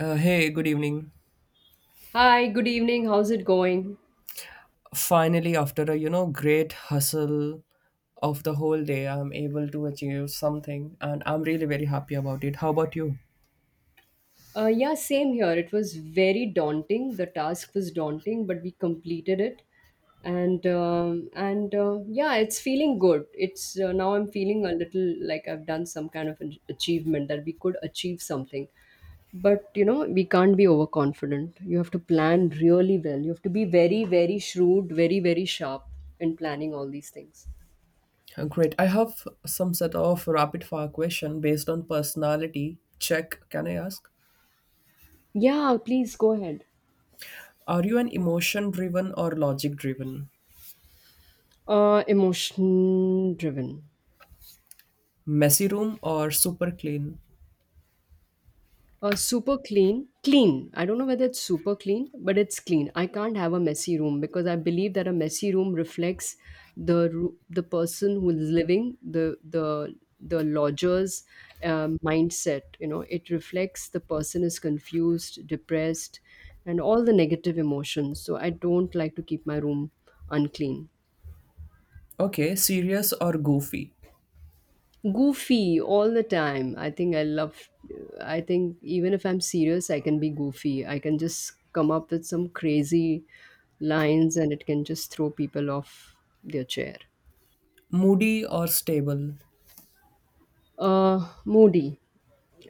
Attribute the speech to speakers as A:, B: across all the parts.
A: Hey, good evening.
B: Hi, good evening. How's it going?
A: Finally, after a great hustle of the whole day, I'm able to achieve something, and I'm really very happy about it. How about you?
B: Yeah, same here. It was very daunting. The task was daunting, but we completed it, and yeah, it's feeling good. It's now I'm feeling a little like I've done some kind of an achievement that we could achieve something. But you know, we can't be overconfident. You have to plan really well. You have to be very, very shrewd, very, very sharp in planning all these things.
A: Great. I have some set of rapid fire question based on personality check. Can I ask?
B: Yeah, please go ahead.
A: Are you an emotion driven or logic driven?
B: Emotion driven.
A: Messy room or super clean?
B: Super clean, clean. I don't know whether it's super clean, but it's clean. I can't have a messy room because I believe that a messy room reflects the person who's living the the lodger's mindset. You know, it reflects the person is confused, depressed, and all the negative emotions. So I don't like to keep my room unclean.
A: Okay, serious or goofy?
B: Goofy all the time. I think I love, I think even if I'm serious I can be goofy. I can just come up with some crazy lines and it can just throw people off their chair.
A: Moody or stable?
B: Moody.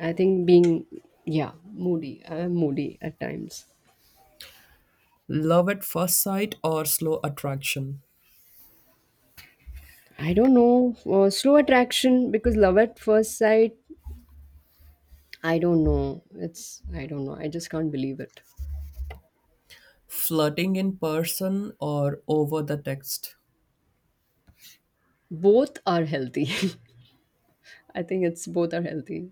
B: I think being, yeah, moody. I'm moody at times.
A: Love at first sight or slow attraction?
B: I don't know, slow attraction because love at first sight, I don't know, it's, I don't know, I just can't believe it.
A: Flirting in person or over the text?
B: Both are healthy. I think it's both are healthy.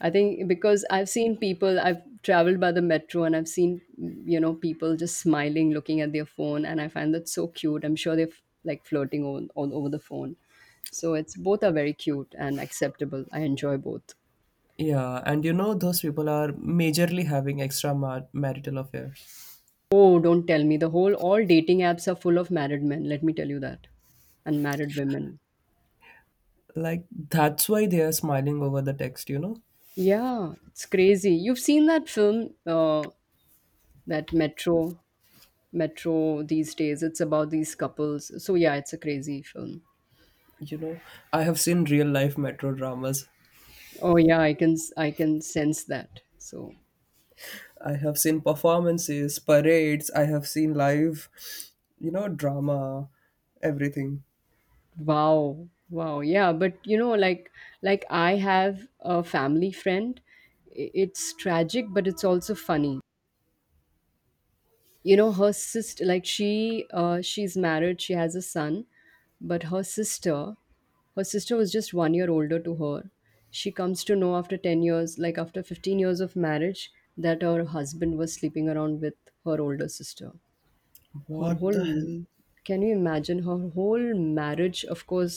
B: I think because I've seen people, I've traveled by the metro and I've seen, you know, people just smiling, looking at their phone, and I find that so cute. I'm sure they're like flirting all over the phone. So it's both are very cute and acceptable. I enjoy both.
A: Yeah, and those people are majorly having extra marital affairs.
B: Oh, don't tell me. The whole, all dating apps are full of married men. Let me tell you that. And married women.
A: Like, that's why they are smiling over the text.
B: Yeah, it's crazy. You've seen that film, that Metro. Metro these days. It's about these couples. So yeah, it's a crazy film.
A: you know I have seen real life metro dramas.
B: Oh yeah, I can sense that. So
A: I have seen performances, parades. I have seen live, drama, everything.
B: wow, wow, yeah. But you know, like I have a family friend. It's tragic, but it's also funny. You know, her sister, like she she's married, she has a son, but her sister, her sister was just 1 year older to her. She comes to know after 10 years, like after 15 years of marriage, that her husband was sleeping around with her older sister. Her
A: What
B: whole,
A: the hell.
B: can you imagine her whole marriage, of course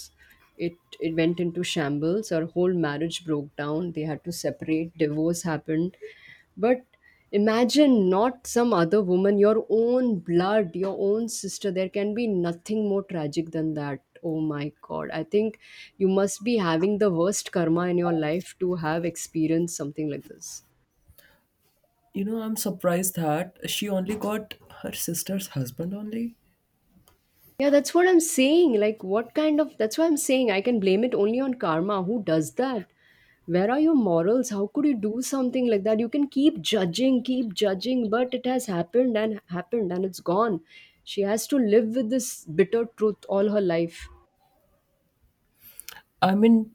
B: it, it went into shambles. Her whole marriage broke down. They had to separate, divorce happened. But imagine, not some other woman, your own blood, your own sister. There can be nothing more tragic than that. Oh my God. I think you must be having the worst karma in your life to have experienced something like this.
A: I'm surprised that she only got her sister's husband only.
B: Yeah, that's what I'm saying. Like, what kind of. That's why I'm saying I can blame it only on karma. Who does that? Where are your morals? How could you do something like that? You can keep judging, but it has happened and happened and it's gone. She has to live with this bitter truth all her life.
A: I mean,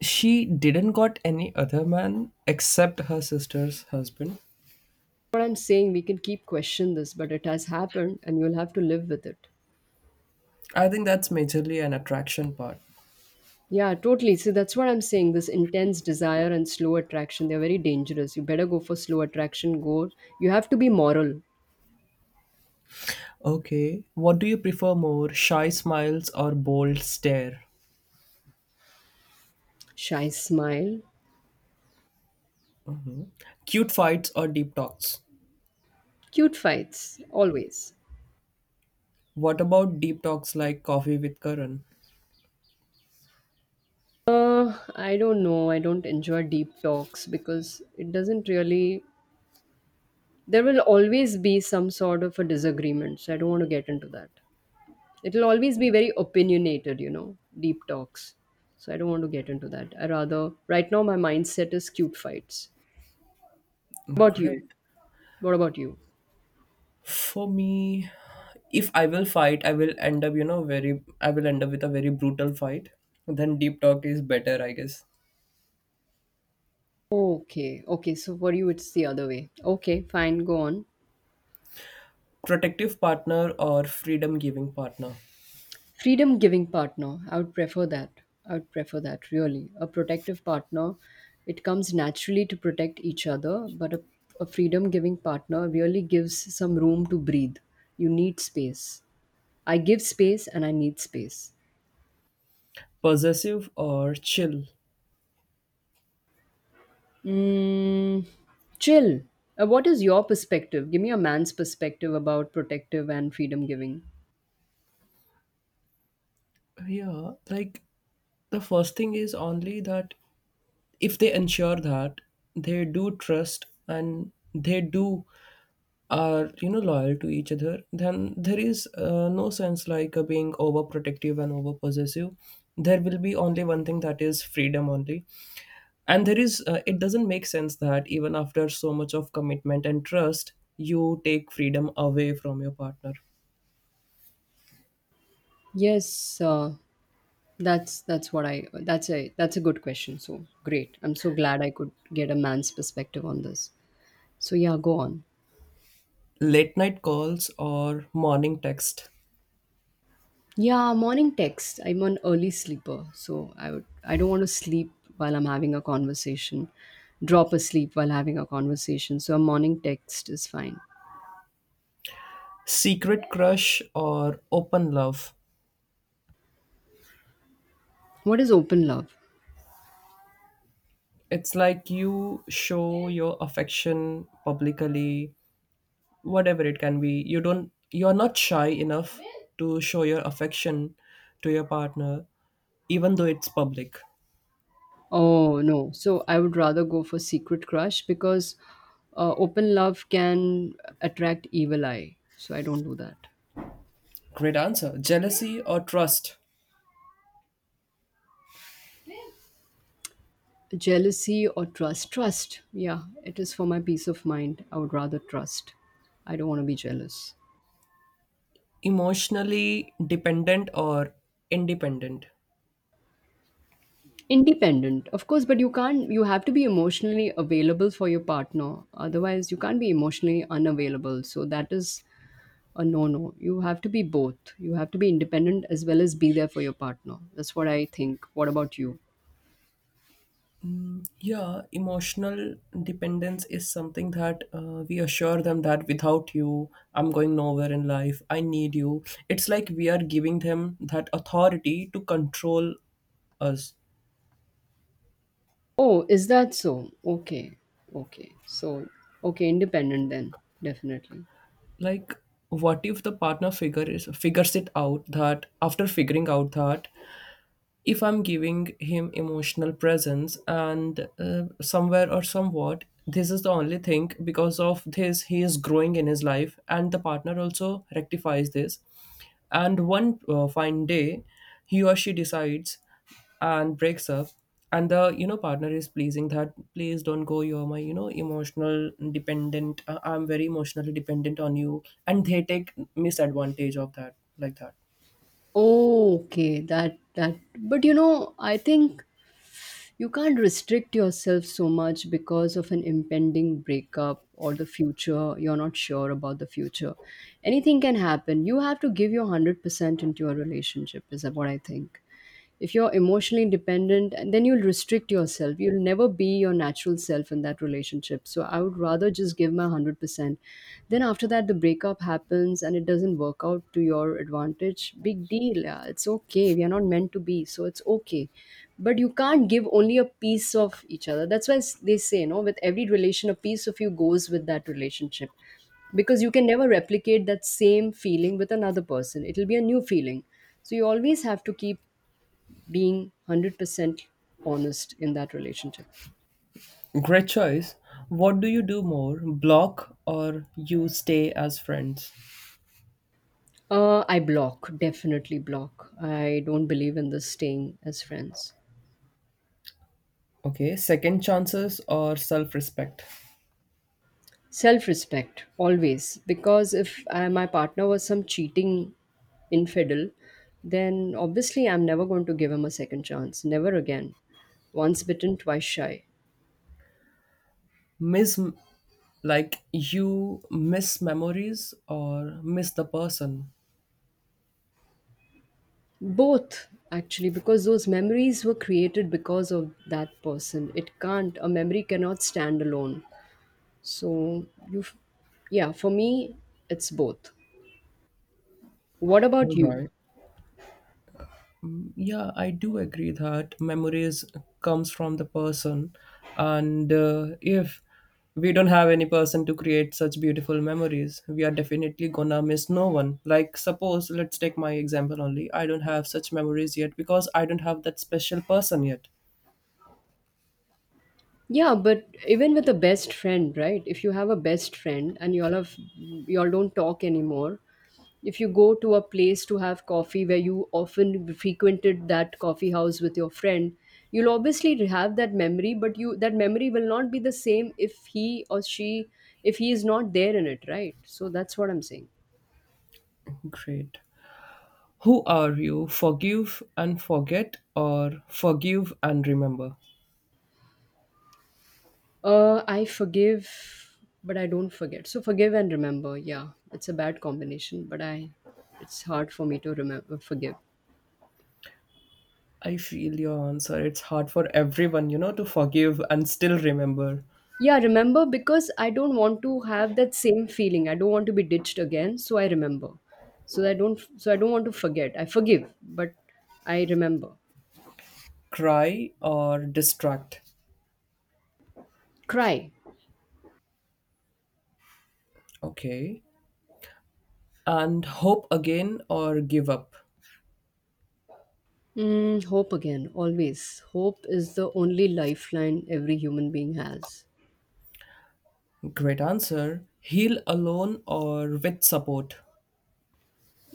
A: she didn't got any other man except her sister's husband.
B: What I'm saying, we can keep question this, but it has happened and you'll have to live with it.
A: I think that's majorly an attraction part.
B: Yeah, totally. See, that's what I'm saying. This intense desire and slow attraction, they're very dangerous. You better go for slow attraction. Go. You have to be moral.
A: Okay, what do you prefer more, shy smiles or bold stare?
B: Shy smile.
A: Cute fights or deep talks?
B: Cute fights, always.
A: What about deep talks like coffee with Karan?
B: I don't know. I don't enjoy deep talks because it doesn't really. There will always be some sort of a disagreement, so I don't want to get into that. It'll always be very opinionated, you know, deep talks. So I don't want to get into that. I rather, right now, my mindset is cute fights. About you?
A: Great.
B: What about you?
A: For me, if I will fight, I will end up, very, I will end up with a very brutal fight. Then deep talk is better, I guess.
B: Okay, okay. So for you, it's the other way. Okay, fine. Go on.
A: Protective partner or freedom giving partner?
B: Freedom giving partner, I would prefer that. I would prefer that really. A protective partner, it comes naturally to protect each other, but a freedom giving partner really gives some room to breathe. You need space. I give space and I need space.
A: Possessive or chill?
B: mm, chill. What is your perspective? Give me a man's perspective about protective and freedom giving.
A: Yeah, like the first thing is only that, if they ensure that they do trust and they do are loyal to each other, then there is no sense like being overprotective and overpossessive. There will be only one thing, that is freedom only. And there is, it doesn't make sense that even after so much of commitment and trust, you take freedom away from your partner.
B: Yes. uh, that's what I, that's a, that's a good question. So great. I'm so glad I could get a man's perspective on this. So yeah, go on.
A: Late night calls or morning text?
B: Yeah, morning text. I'm an early sleeper, so I would, I don't want to sleep while I'm having a conversation. Drop asleep while having a conversation. So a morning text is fine.
A: Secret crush or open love?
B: What is open love?
A: It's like you show your affection publicly, whatever it can be. You don't, you're not shy enough to show your affection to your partner even though it's public.
B: Oh no. So I would rather go for secret crush because open love can attract evil eye. So I don't do that.
A: Great answer. Jealousy or trust?
B: Jealousy or trust? Trust. Yeah, it is for my peace of mind. I would rather trust. I don't want to be jealous.
A: Emotionally dependent or independent?
B: Independent, of course, but you can't, you have to be emotionally available for your partner. Otherwise, you can't be emotionally unavailable. So that is a no no. You have to be both. You have to be independent as well as be there for your partner. That's what I think. What about you?
A: Yeah, emotional dependence is something that we assure them that without you, I'm going nowhere in life. I need you. It's like we are giving them that authority to control us.
B: Oh, is that so? Okay. Okay. So, okay, independent then, definitely.
A: Like, what if the partner figures it out that, after figuring out that if I'm giving him emotional presence and, somewhere or somewhat, this is the only thing, because of this, he is growing in his life, and the partner also rectifies this. And one fine day, he or she decides and breaks up, and the partner is pleasing that, please don't go, you're my emotional dependent. I'm very emotionally dependent on you, and they take misadvantage of that, like that.
B: Oh, okay. That that, but you know, I think you can't restrict yourself so much because of an impending breakup or the future. You're not sure about the future. Anything can happen. You have to give your 100% into your relationship is what I think. If you're emotionally dependent then you'll restrict yourself, you'll never be your natural self in that relationship. So I would rather just give my 100%. Then after that the breakup happens and it doesn't work out to your advantage, big deal. Yeah, it's okay, we are not meant to be, so it's okay. But you can't give only a piece of each other. That's why they say, you know, with every relation a piece of you goes with that relationship, because you can never replicate that same feeling with another person. It'll be a new feeling. So you always have to keep being 100% honest in that relationship.
A: Great choice. What do you do more, block or you stay as friends?
B: I block, definitely block. I don't believe in this staying as friends.
A: Okay, second chances or self respect?
B: Self respect, always. Because if I, my partner was some cheating infidel, then obviously I'm never going to give him a second chance. Never again. Once bitten, twice shy.
A: Miss, like, you miss memories or miss the person?
B: Both, actually, because those memories were created because of that person. It can't, a memory cannot stand alone. So you, yeah, for me, it's both. What about
A: All
B: you?
A: right. Yeah, I do agree that memories comes from the person, and if we don't have any person to create such beautiful memories, we are definitely gonna miss no one. Like suppose, let's take my example only, I don't have such memories yet because I don't have that special person yet.
B: Yeah, but even with a best friend, right? If you have a best friend and y'all don't talk anymore, if you go to a place to have coffee where you often frequented that coffee house with your friend, you'll obviously have that memory, but you, that memory will not be the same if he or she, if he is not there in it, right? So that's what I'm saying.
A: Great. Who are you, forgive and forget or forgive and remember?
B: I forgive, but I don't forget. So forgive and remember. Yeah, it's a bad combination, but I, it's hard for me to remember forgive.
A: I feel your answer, it's hard for everyone to forgive and still remember.
B: Yeah, remember because I don't want to have that same feeling. I don't want to be ditched again, so I remember. So I don't. So I don't want to forget. I forgive, but I remember.
A: Cry or distract.
B: Cry.
A: Okay. And hope again or give up.
B: Mm, hope again. Always. Hope is the only lifeline every human being has.
A: Great answer. Heal alone or with support.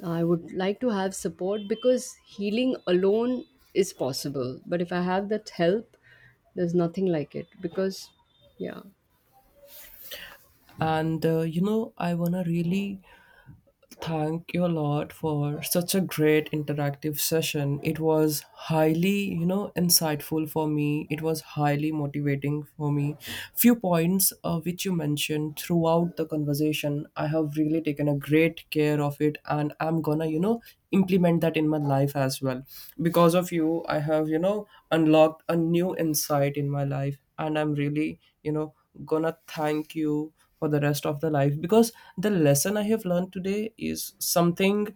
B: I would like to have support because healing alone is possible. But if I have that help, there's nothing like it because, yeah.
A: And I want to really thank you a lot for such a great interactive session. It was highly, insightful for me. It was highly motivating for me. Few points which you mentioned throughout the conversation, I have really taken a great care of it, and I'm gonna, implement that in my life as well. Because of you, I have, unlocked a new insight in my life, and I'm really, gonna thank you for the rest of the life, because the lesson I have learned today is something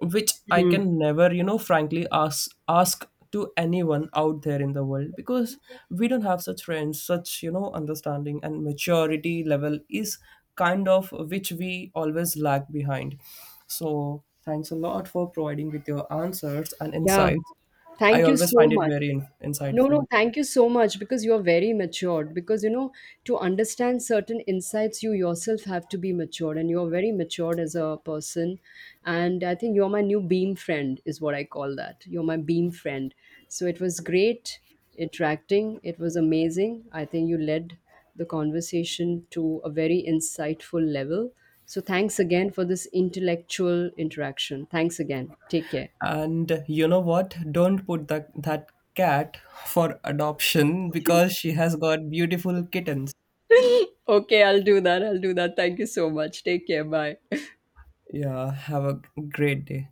A: which I
B: Mm.
A: can never frankly ask to anyone out there in the world, because we don't have such friends, such understanding and maturity level is kind of which we always lag behind. So thanks a lot for providing with your answers and
B: Yeah.
A: insights. I
B: Thank you
A: always
B: so
A: find it
B: much.
A: very
B: No,
A: insightful.
B: no, thank you so much because you are very matured. Because, you know, to understand certain insights, you yourself have to be matured, and you are very matured as a person. And I think you're my new beam friend, is what I call that. You're my beam friend. So it was great interacting, it was amazing. I think you led the conversation to a very insightful level. So thanks again for this intellectual interaction. Thanks again. Take care.
A: And you know what? Don't put that cat for adoption, because she has got beautiful kittens.
B: Okay, I'll do that. I'll do that. Thank you so much. Take care. Bye.
A: Yeah, have a great day.